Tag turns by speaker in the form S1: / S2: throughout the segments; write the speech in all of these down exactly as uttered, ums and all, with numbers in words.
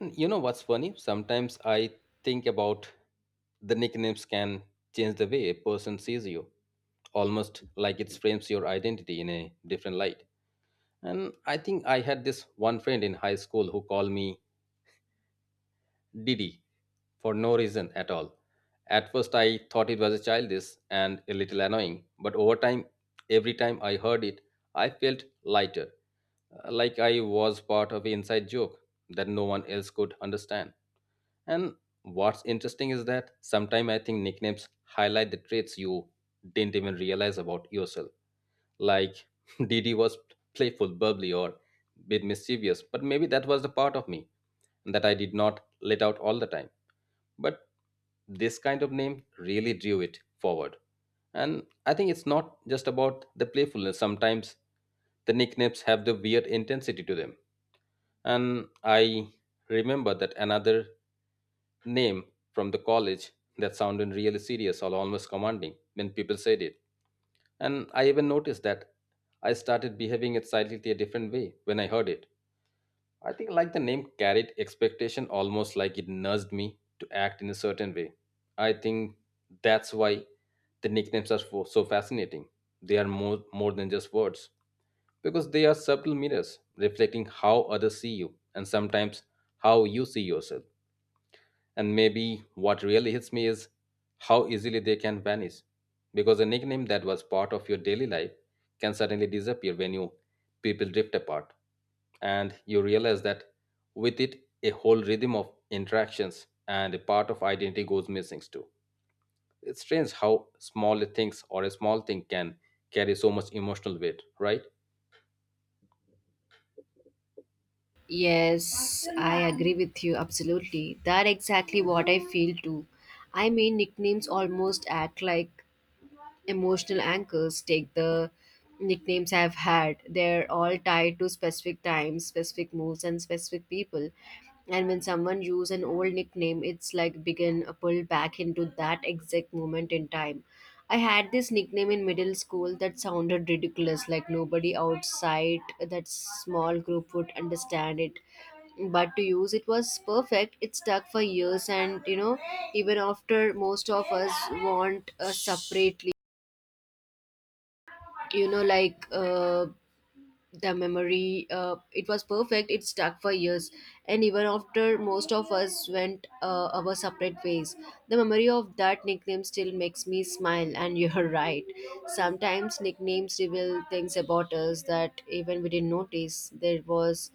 S1: And you know what's funny? Sometimes I think about the nicknames can change the way a person sees you, almost like it frames your identity in a different light. And I think I had this one friend in high school who called me Didi for no reason at all. At first, I thought it was childish and a little annoying, but over time, every time I heard it, I felt lighter, uh, like I was part of an inside joke that no one else could understand. And what's interesting is that sometimes I think nicknames highlight the traits you didn't even realize about yourself. Like D D was playful, bubbly, or bit mischievous, but maybe that was the part of me that I did not let out all the time. But this kind of name really drew it forward. And I think it's not just about the playfulness. Sometimes the nicknames have the weird intensity to them. And I remember that another name from the college that sounded really serious or almost commanding when people said it. And I even noticed that I started behaving it slightly a different way when I heard it. I think like the name carried expectation almost like it nudged me to act in a certain way. I think that's why the nicknames are so so fascinating. They are more, more than just words because they are subtle mirrors reflecting how others see you and sometimes how you see yourself. And maybe what really hits me is how easily they can vanish. Because a nickname that was part of your daily life can suddenly disappear when you people drift apart. And you realize that with it, a whole rhythm of interactions and a part of identity goes missing too. It's strange how small things or a small thing can carry so much emotional weight, right?
S2: Yes, I agree with you absolutely. That exactly what I feel too. I mean, nicknames almost act like emotional anchors take the nicknames I've had. They're all tied to specific times, specific moves, and specific people. And when someone uses an old nickname, it's like begin a pull back into that exact moment in time. I had this nickname in middle school that sounded ridiculous, like nobody outside that small group would understand it. But to use it was perfect. It stuck for years, and you know, even after most of us want a separate you know like uh, the memory uh, it was perfect. It stuck for years, and even after most of us went uh, our separate ways, the memory of that nickname still makes me smile. And you're right, sometimes nicknames reveal things about us that even we didn't notice. There was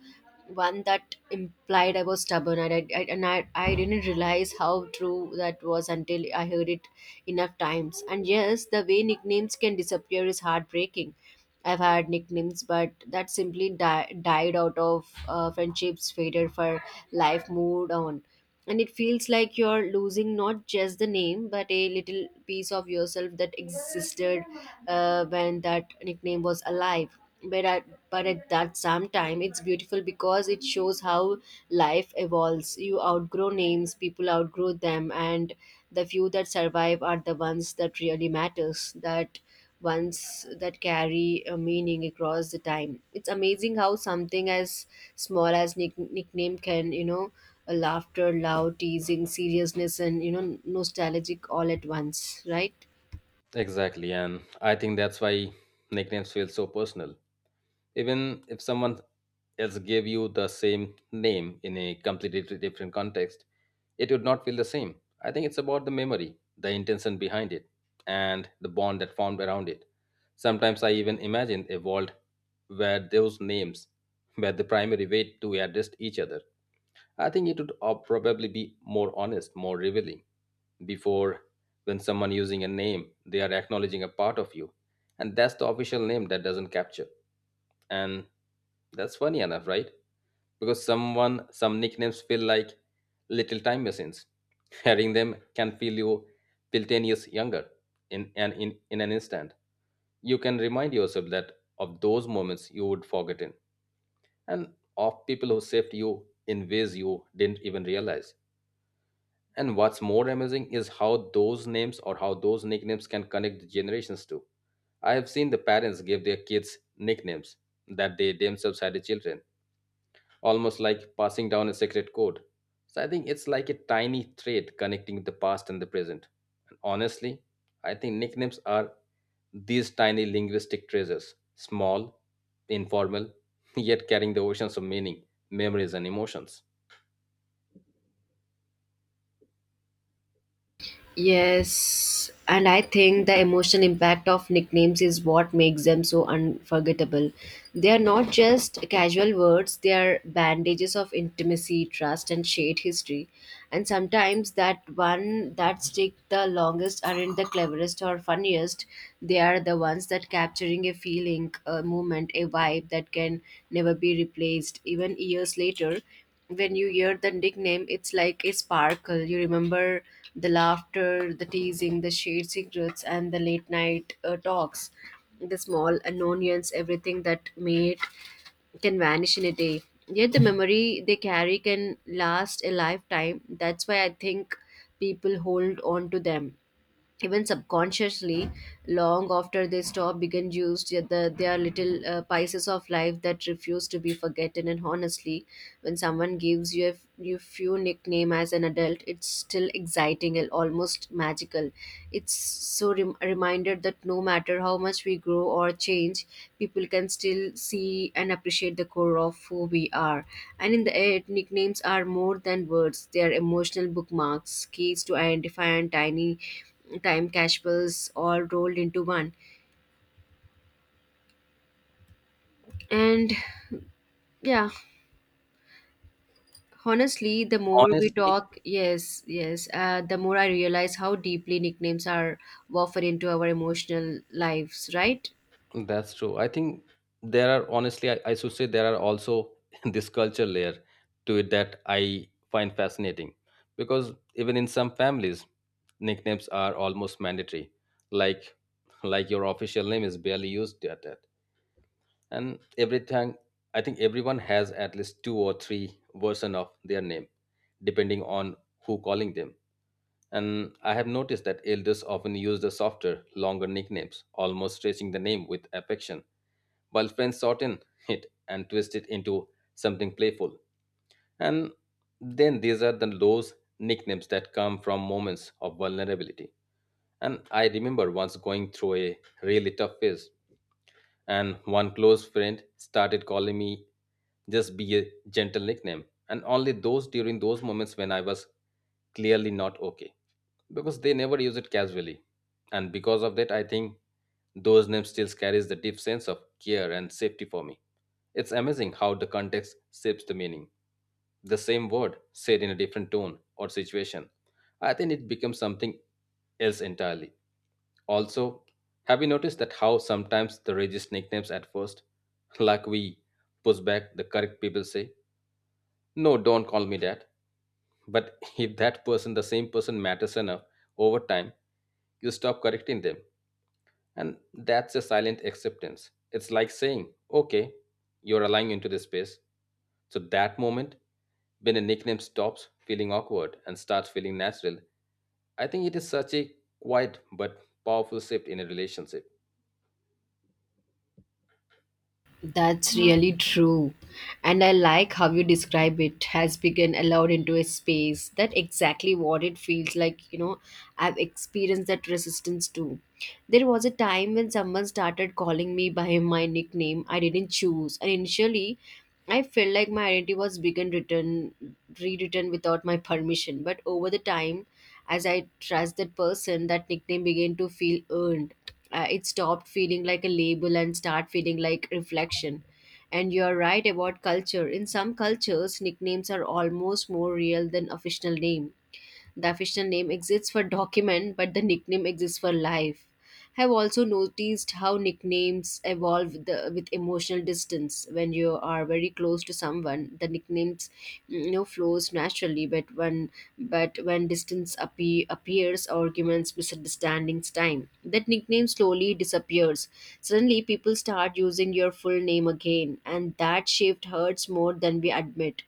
S2: one that implied I was stubborn, and I, I and I, I didn't realize how true that was until I heard it enough times. And yes, the way nicknames can disappear is heartbreaking. I've had nicknames, but that simply di- died out of uh, friendships, faded for life, moved on. And it feels like you're losing not just the name, but a little piece of yourself that existed uh, when that nickname was alive. But at, but at that same time, it's beautiful because it shows how life evolves. You outgrow names, people outgrow them, and the few that survive are the ones that really matters. That ones that carry a meaning across the time. It's amazing how something as small as nick- nickname can, you know, a laughter, loud teasing, seriousness, and you know, nostalgic all at once, right?
S1: Exactly, and I think that's why nicknames feel so personal. Even if someone else gave you the same name in a completely di- different context, it would not feel the same. I think it's about the memory, the intention behind it, and the bond that formed around it. Sometimes I even imagine a world where those names were the primary way to address each other. I think it would uh, probably be more honest, more revealing before. When someone using a name, they are acknowledging a part of you, and that's the official name that doesn't capture. And that's funny enough, right? Because someone, some nicknames feel like little time machines. Hearing them can feel you feel ten years younger in an in, in an instant. You can remind yourself that of those moments you would forgotten and of people who saved you in ways you didn't even realize. And what's more amazing is how those names or how those nicknames can connect the generations too. I have seen the parents give their kids nicknames that they themselves had the children almost like passing down a secret code. So I think it's like a tiny thread connecting the past and the present. And honestly, I think nicknames are these tiny linguistic treasures, small, informal, yet carrying the oceans of meaning, memories, and emotions.
S2: Yes, and I think the emotional impact of nicknames is what makes them so unforgettable. They are not just casual words, they are bandages of intimacy, trust, and shared history. And sometimes that one that stick the longest aren't the cleverest or funniest. They are the ones that capturing a feeling, a moment, a vibe that can never be replaced. Even years later, when you hear the nickname, it's like a sparkle. You remember the laughter, the teasing, the shared secrets, and the late night uh, talks, the small annoyance, everything that made can vanish in a day. Yet the memory they carry can last a lifetime. That's why I think people hold on to them, even subconsciously, long after they stop being used. Yet the, they are little uh, pieces of life that refuse to be forgotten. And honestly, when someone gives you a f- you few nickname as an adult, it's still exciting and almost magical. It's so rem- reminder that no matter how much we grow or change, people can still see and appreciate the core of who we are. And in the end, nicknames are more than words. They are emotional bookmarks, keys to identify, and tiny time casuals all rolled into one. And yeah, honestly, the more we
S1: Honestly,
S2: talk, yes, yes, uh, the more I realize how deeply nicknames are woven into our emotional lives, right?
S1: that's true. I think there are honestly, I, I should say there are also this culture layer to it that I find fascinating because even in some families, nicknames are almost mandatory. Like like your official name is barely used at that. And everything I think everyone has at least two or three version of their name, depending on who calling them. And I have noticed that elders often use the softer, longer nicknames, almost stretching the name with affection while friends shorten it and twist it into something playful. And then these are the those nicknames that come from moments of vulnerability. And I remember once going through a really tough phase, and one close friend started calling me just be a gentle nickname, and only those during those moments when I was clearly not okay because they never use it casually. And because of that, I think those names still carries the deep sense of care and safety for me. It's amazing how the context shapes the meaning. The same word said in a different tone or situation, I think it becomes something else entirely. Also, have you noticed that how sometimes the rages nicknames at first, like we push back the correct people say, no, don't call me that, but if that person, the same person, matters enough, over time you stop correcting them. And that's a silent acceptance. It's like saying, okay, you're allowing into this space. So that moment, when a nickname stops feeling awkward and starts feeling natural, I think it is such a quiet but powerful shift in a relationship.
S2: That's really true. And I like how you describe it has begun allowed into a space. That exactly what it feels like, you know, I've experienced that resistance too. There was a time when someone started calling me by my nickname I didn't choose. And initially I felt like my identity was begun written rewritten without my permission. But over the time, as I trust that person, that nickname began to feel earned. Uh, it stopped feeling like a label and start feeling like reflection. And you're right about culture. In some cultures nicknames are almost more real than official name. The official name exists for document, but the nickname exists for life. I've also noticed how nicknames evolve with, the, with emotional distance. When you are very close to someone, the nicknames, you know, flows naturally. But when but when distance appe- appears, arguments, misunderstandings, time, that nickname slowly disappears. Suddenly, people start using your full name again, and that shift hurts more than we admit.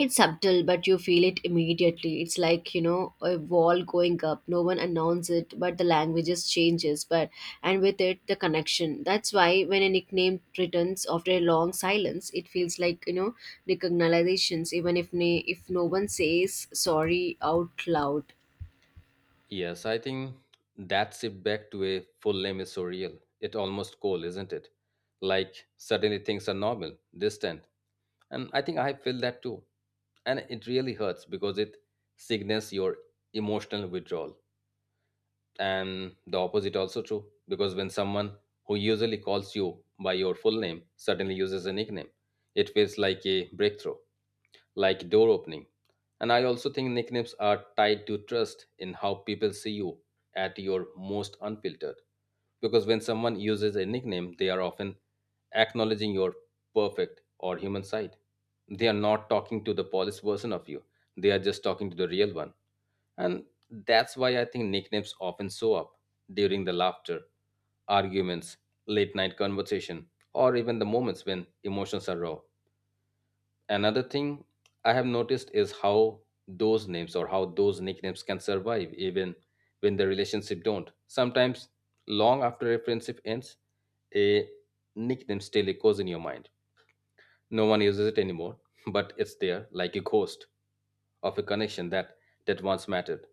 S2: It's subtle, but you feel it immediately. It's like, you know, a wall going up. No one announces it, but the language just changes. But And with it the connection. That's why when a nickname returns after a long silence, it feels like, you know, recognitions, even if na- if no one says sorry out loud.
S1: Yes, I think that shift back to a full name is so real. It almost cold, isn't it? Like suddenly things are normal, distant, and I think I feel that too. And it really hurts because it signals your emotional withdrawal. And the opposite also true because when someone who usually calls you by your full name suddenly uses a nickname, it feels like a breakthrough, like door opening. And I also think nicknames are tied to trust in how people see you at your most unfiltered. Because when someone uses a nickname, they are often acknowledging your perfect or human side. They are not talking to the polished version of you, they are just talking to the real one. And that's why I think nicknames often show up during the laughter, arguments, late night conversation, or even the moments when emotions are raw. Another thing I have noticed is how those names or how those nicknames can survive even when the relationship don't. Sometimes long after a friendship ends, a nickname still echoes in your mind. No one uses it anymore, but it's there like a ghost of a connection that, that once mattered.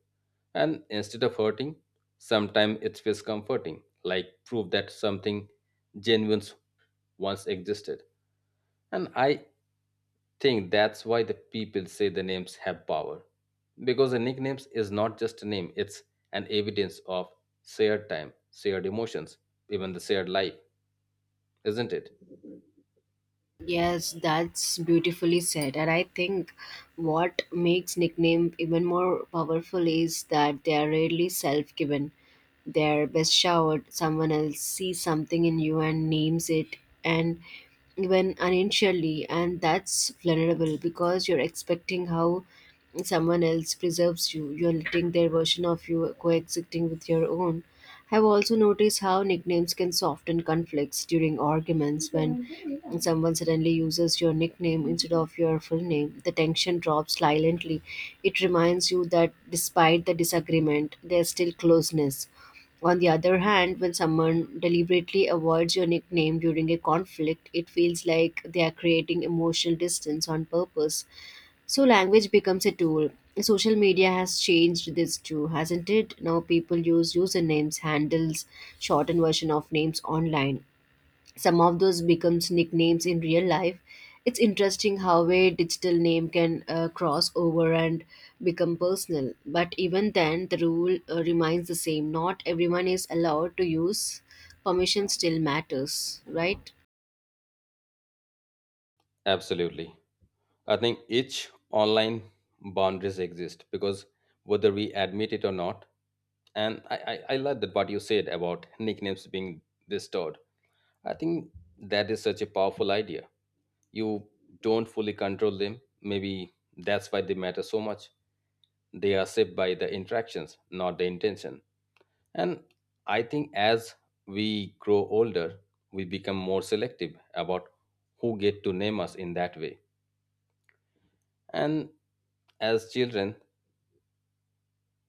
S1: And instead of hurting, sometimes it feels comforting, like proof that something genuine once existed. And I think that's why the people say the names have power. Because the nicknames is not just a name, it's an evidence of shared time, shared emotions, even the shared life, isn't it?
S2: Yes, that's beautifully said. And I think what makes nickname even more powerful is that they are rarely self-given. They're best showered. Someone else sees something in you and names it, and even unintentionally, and that's vulnerable because you're expecting how someone else preserves you. You're letting their version of you coexisting with your own. I've also noticed how nicknames can soften conflicts during arguments. When and someone suddenly uses your nickname instead of your full name, the tension drops silently. It reminds you that despite the disagreement, there's still closeness. On the other hand, when someone deliberately avoids your nickname during a conflict, it feels like they are creating emotional distance on purpose. So, language becomes a tool. Social media has changed this too, hasn't it? Now, people use usernames, handles, shortened version of names online. Some of those becomes nicknames in real life. It's interesting how a digital name can uh, cross over and become personal. But even then, the rule uh, remains the same. Not everyone is allowed to use. Permission still matters, right?
S1: Absolutely. I think each online boundaries exist because whether we admit it or not, and I, I, I like that what you said about nicknames being restored. I think that is such a powerful idea. You don't fully control them. Maybe that's why they matter so much. They are shaped by the interactions, not the intention. And I think as we grow older, we become more selective about who get to name us in that way. And as children,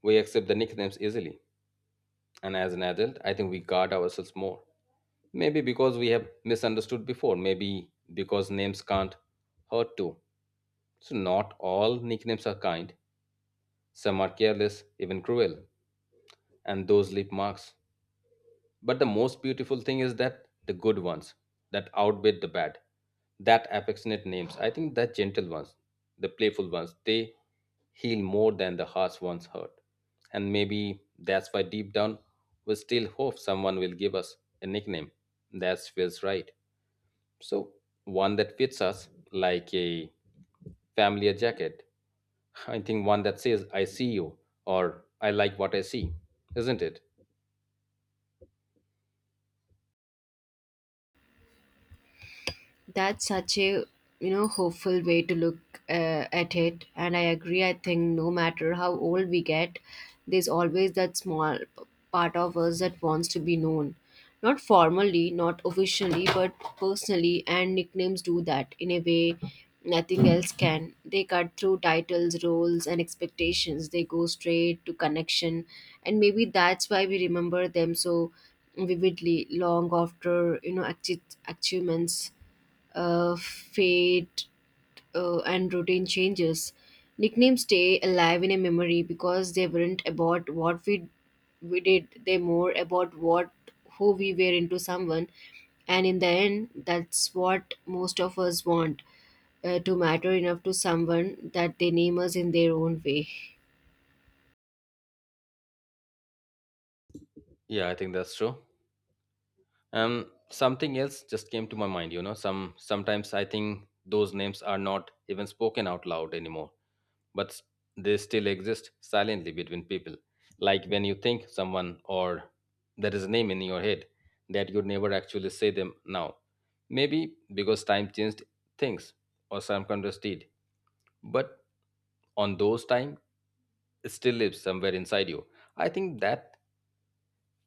S1: we accept the nicknames easily, and as an adult, I think we guard ourselves more. Maybe because we have misunderstood before, maybe because names can't hurt too. So, not all nicknames are kind, some are careless, even cruel, and those leave marks. But the most beautiful thing is that the good ones that outbid the bad, that affectionate names. I think the gentle ones, the playful ones, they heal more than the harsh ones hurt. And maybe that's why deep down we still hope someone will give us a nickname that feels right. So one that fits us like a familiar jacket. I think one that says I see you or I like what I see, isn't it?
S2: That's such a, you know, hopeful way to look uh, at it, and I agree. I think no matter how old we get, there's always that small p- part of us that wants to be known, not formally, not officially, but personally. And nicknames do that in a way nothing else can. They cut through titles, roles, and expectations. They go straight to connection, and maybe that's why we remember them so vividly long after, you know, acti- achievements uh, fate, uh, and routine changes. Nicknames stay alive in a memory because they weren't about what we we did; they more about what who we were into someone. And in the end, that's what most of us want, uh, to matter enough to someone that they name us in their own way.
S1: Yeah, I think that's true. um something else just came to my mind. You know, some sometimes I think those names are not even spoken out loud anymore, but s- they still exist silently between people. Like when you think someone or there is a name in your head that you'd never actually say them now, maybe because time changed things or some countries did, but on those time it still lives somewhere inside you. I think that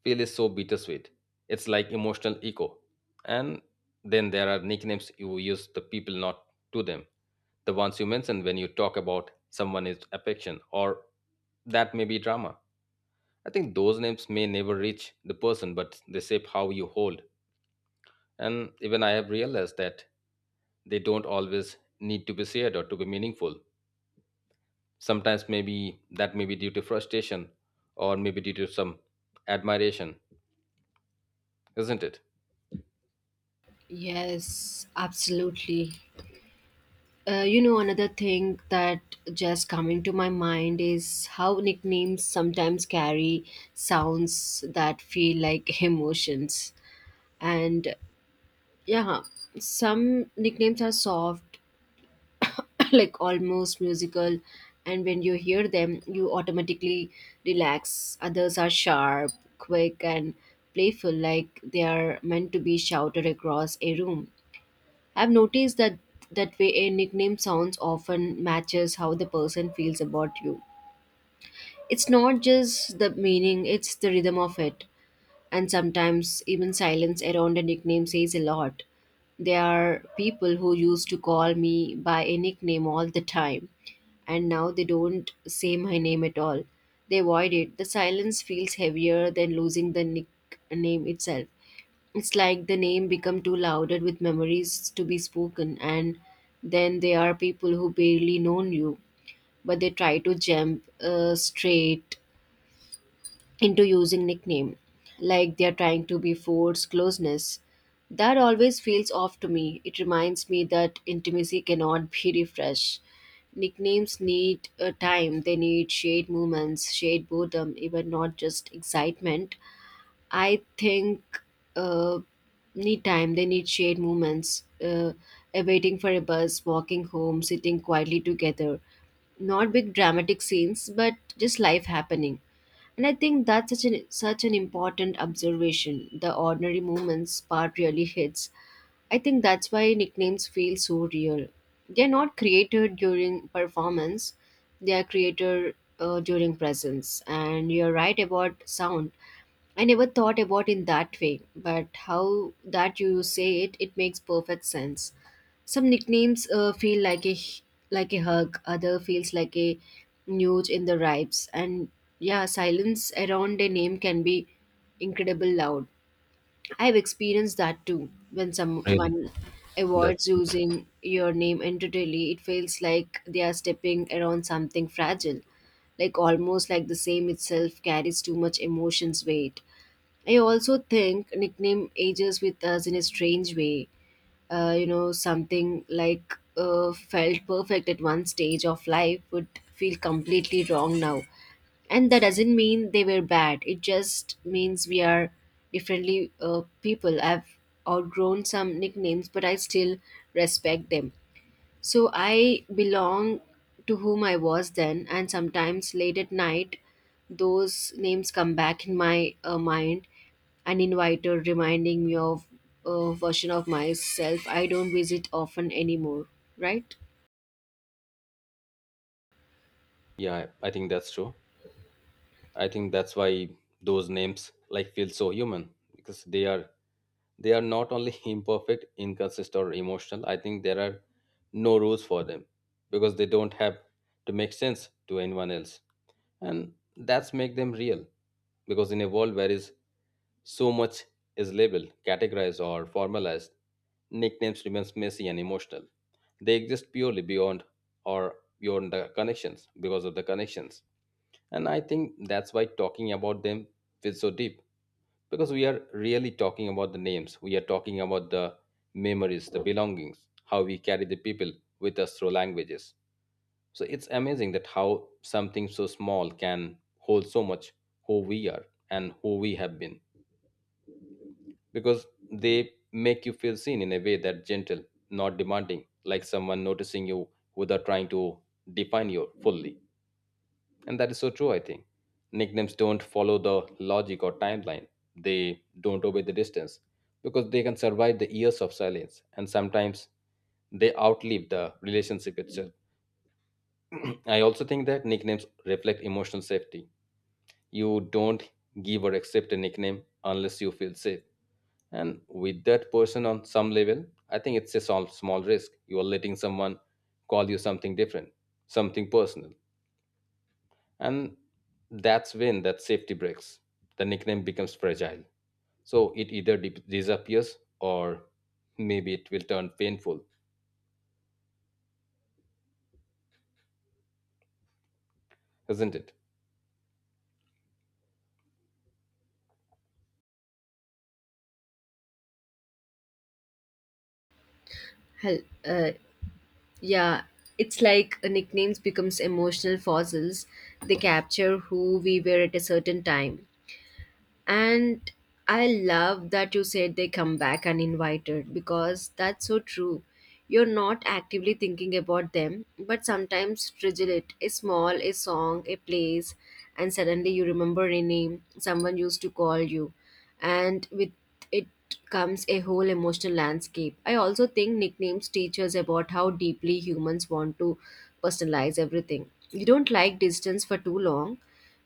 S1: feel is so bittersweet. It's like emotional echo. And then there are nicknames you use the people not to them. The ones you mention when you talk about someone is affection or that may be drama. I think those names may never reach the person, but they shape how you hold. And even I have realized that they don't always need to be shared or to be meaningful. Sometimes maybe that may be due to frustration or maybe due to some admiration, isn't it?
S2: Yes, absolutely. Uh, you know, another thing that just coming to my mind is how nicknames sometimes carry sounds that feel like emotions. And yeah, some nicknames are soft, like almost musical, and when you hear them, you automatically relax. Others are sharp, quick, and playful, like they are meant to be shouted across a room. I've noticed that that way a nickname sounds often matches how the person feels about you. It's not just the meaning, it's the rhythm of it. And sometimes even silence around a nickname says a lot. There are people who used to call me by a nickname all the time, and now they don't say my name at all. They avoid it. The silence feels heavier than losing the nickname itself. It's like the name become too loaded with memories to be spoken. And then there are people who barely known you, but they try to jump uh, straight into using nickname, like they are trying to be force closeness. That always feels off to me. It reminds me that intimacy cannot be refreshed. Nicknames need uh, time. They need shade movements, shade boredom, even not just excitement. I think uh, Need time. They need shared moments. Uh, uh, waiting for a bus, walking home, sitting quietly together. Not big dramatic scenes, but just life happening. And I think that's such an such an important observation. The ordinary moments part really hits. I think that's why nicknames feel so real. They're not created during performance, they are created uh, during presence. And you're right about sound. I never thought about in that way, but how that you say it, it makes perfect sense. Some nicknames uh, feel like a h- like a hug, other feels like a nudge in the ribs, and yeah, silence around a name can be incredible loud. I've experienced that too. When
S1: Really,
S2: someone
S1: that's
S2: avoids
S1: good.
S2: using your name entirely, it feels like they are stepping around something fragile, like almost like the same itself carries too much emotions weight. I also think nickname ages with us in a strange way. Uh, you know, something like uh, felt perfect at one stage of life would feel completely wrong now, and that doesn't mean they were bad. It just means we are differently uh, people. I've outgrown some nicknames, but I still respect them, so I belong to whom I was then. And sometimes late at night, those names come back in my uh, mind, an inviter reminding me of a version of myself I don't visit often anymore, right?
S1: Yeah, I think that's true. I think that's why those names like feel so human because they are they are not only imperfect, inconsistent or emotional. I think there are no rules for them because they don't have to make sense to anyone else. And that's make them real because in a world where is so much is labeled, categorized or formalized, nicknames remains messy and emotional. They exist purely beyond or beyond the connections because of the connections. And I think that's why talking about them feels so deep because we are really talking about the names, we are talking about the memories, the belongings, how we carry the people with us through languages. So it's amazing that how something so small can hold so much who we are and who we have been because they make you feel seen in a way that gentle, not demanding, like someone noticing you without trying to define you fully. And that is so true, I think. Nicknames don't follow the logic or timeline, they don't obey the distance because they can survive the years of silence and sometimes they outlive the relationship itself. I also think that nicknames reflect emotional safety. You don't give or accept a nickname unless you feel safe. And with that person on some level, I think it's a small, small risk. You are letting someone call you something different, something personal, and that's when that safety breaks. The nickname becomes fragile. So it either di- disappears or maybe it will turn painful, isn't it?
S2: Hell, uh, yeah, it's like uh, nicknames becomes emotional fossils. They capture who we were at a certain time. And I love that you said they come back uninvited because that's so true. You're not actively thinking about them, but sometimes trigger it a small, a song, a place, and suddenly you remember a name someone used to call you. And with it comes a whole emotional landscape. I also think nicknames teach us about how deeply humans want to personalize everything. You don't like distance for too long,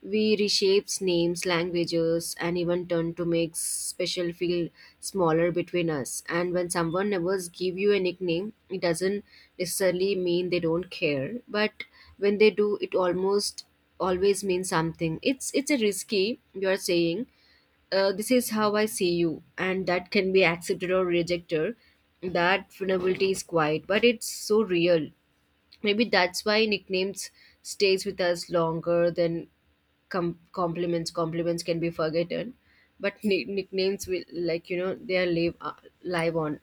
S2: we reshapes names, languages, and even turn to make special feel smaller between us. And when someone never give you a nickname, it doesn't necessarily mean they don't care. But when they do, it almost always means something. It's it's a risky. You are saying, uh, "This is how I see you," and that can be accepted or rejected. That vulnerability is quiet, but it's so real. Maybe that's why nicknames stays with us longer than com- compliments. Compliments can be forgotten, but ni- nicknames will, like, you know, they are live, uh, live on.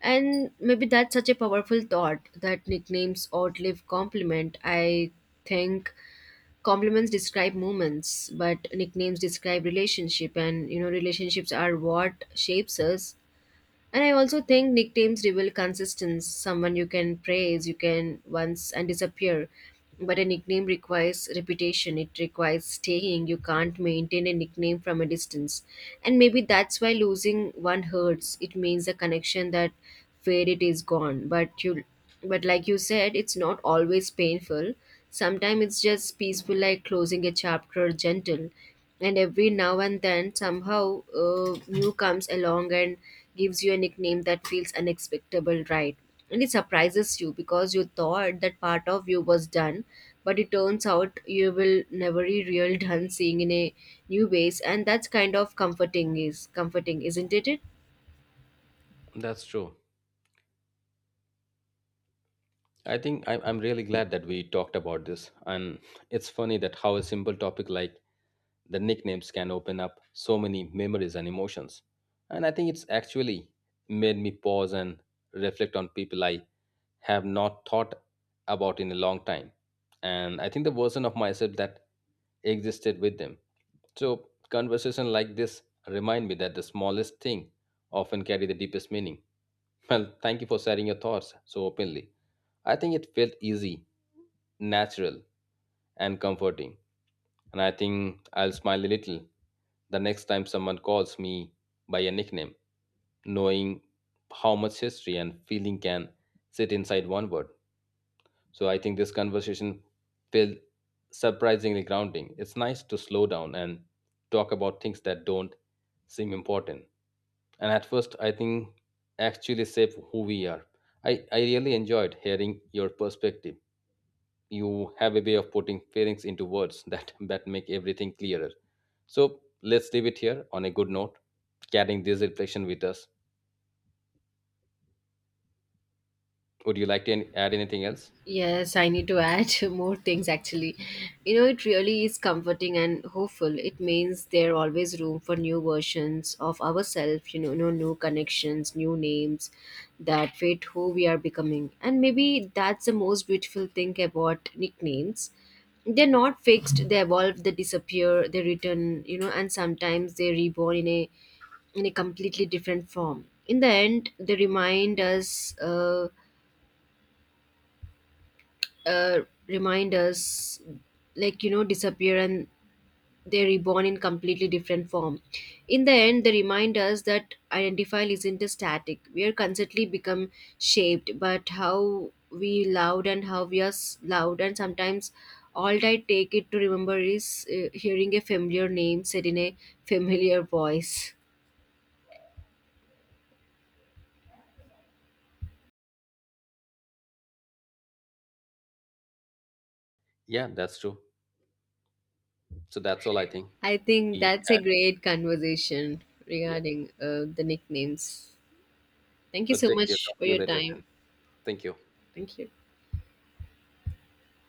S2: And maybe that's such a powerful thought, that nicknames outlive compliment. I think compliments describe moments, but nicknames describe relationship, and, you know, relationships are what shapes us. And I also think nicknames reveal consistency. Someone you can praise, you can once and disappear. But a nickname requires reputation. It requires staying. You can't maintain a nickname from a distance. And maybe that's why losing one hurts. It means the connection that faded is gone. But you but like you said, it's not always painful. Sometimes it's just peaceful, like closing a chapter gentle. And every now and then, somehow, uh, new comes along and gives you a nickname that feels unexpectable, right? And it surprises you because you thought that part of you was done, but it turns out you will never be real done seeing in a new ways, and that's kind of comforting is comforting, isn't it?
S1: That's true. I think I'm, I'm really glad that we talked about this. And it's funny that how a simple topic like the nicknames can open up so many memories and emotions. And I think it's actually made me pause and reflect on people I have not thought about in a long time. And I think the version of myself that existed with them. So, conversation like this remind me that the smallest thing often carry the deepest meaning. Well, thank you for sharing your thoughts so openly. I think it felt easy, natural, and comforting, and I think I'll smile a little the next time someone calls me by a nickname, knowing how much history and feeling can sit inside one word. So I think this conversation felt surprisingly grounding. It's nice to slow down and talk about things that don't seem important. And at first, I think actually shape who we are. I, I really enjoyed hearing your perspective. You have a way of putting feelings into words that that make everything clearer. So let's leave it here on a good note, carrying this reflection with us. Would you like to an- add anything else?
S2: Yes, I need to add more things actually. You know, it really is comforting and hopeful. It means there always room for new versions of ourselves, you know, no new connections, new names that fit who we are becoming. And maybe that's the most beautiful thing about nicknames. They're not fixed, they evolve, they disappear, they return, you know, and sometimes they reborn in a in a completely different form. In the end, they remind us. Uh, uh, Reminders, like, you know, disappear and they're reborn in completely different form. In the end, they remind us that identify isn't a static. We are constantly become shaped but how we loud and how we are s- loud. And sometimes all I take it to remember is uh, hearing a familiar name said in a familiar voice.
S1: Yeah, that's true. So that's all I think.
S2: I think
S1: we,
S2: that's a great conversation
S1: yeah,
S2: regarding uh, the nicknames. Thank you
S1: we'll
S2: so
S1: take care,
S2: much
S1: talk
S2: for
S1: to you
S2: your
S1: later
S2: time.
S1: then. Thank you.
S2: Thank you.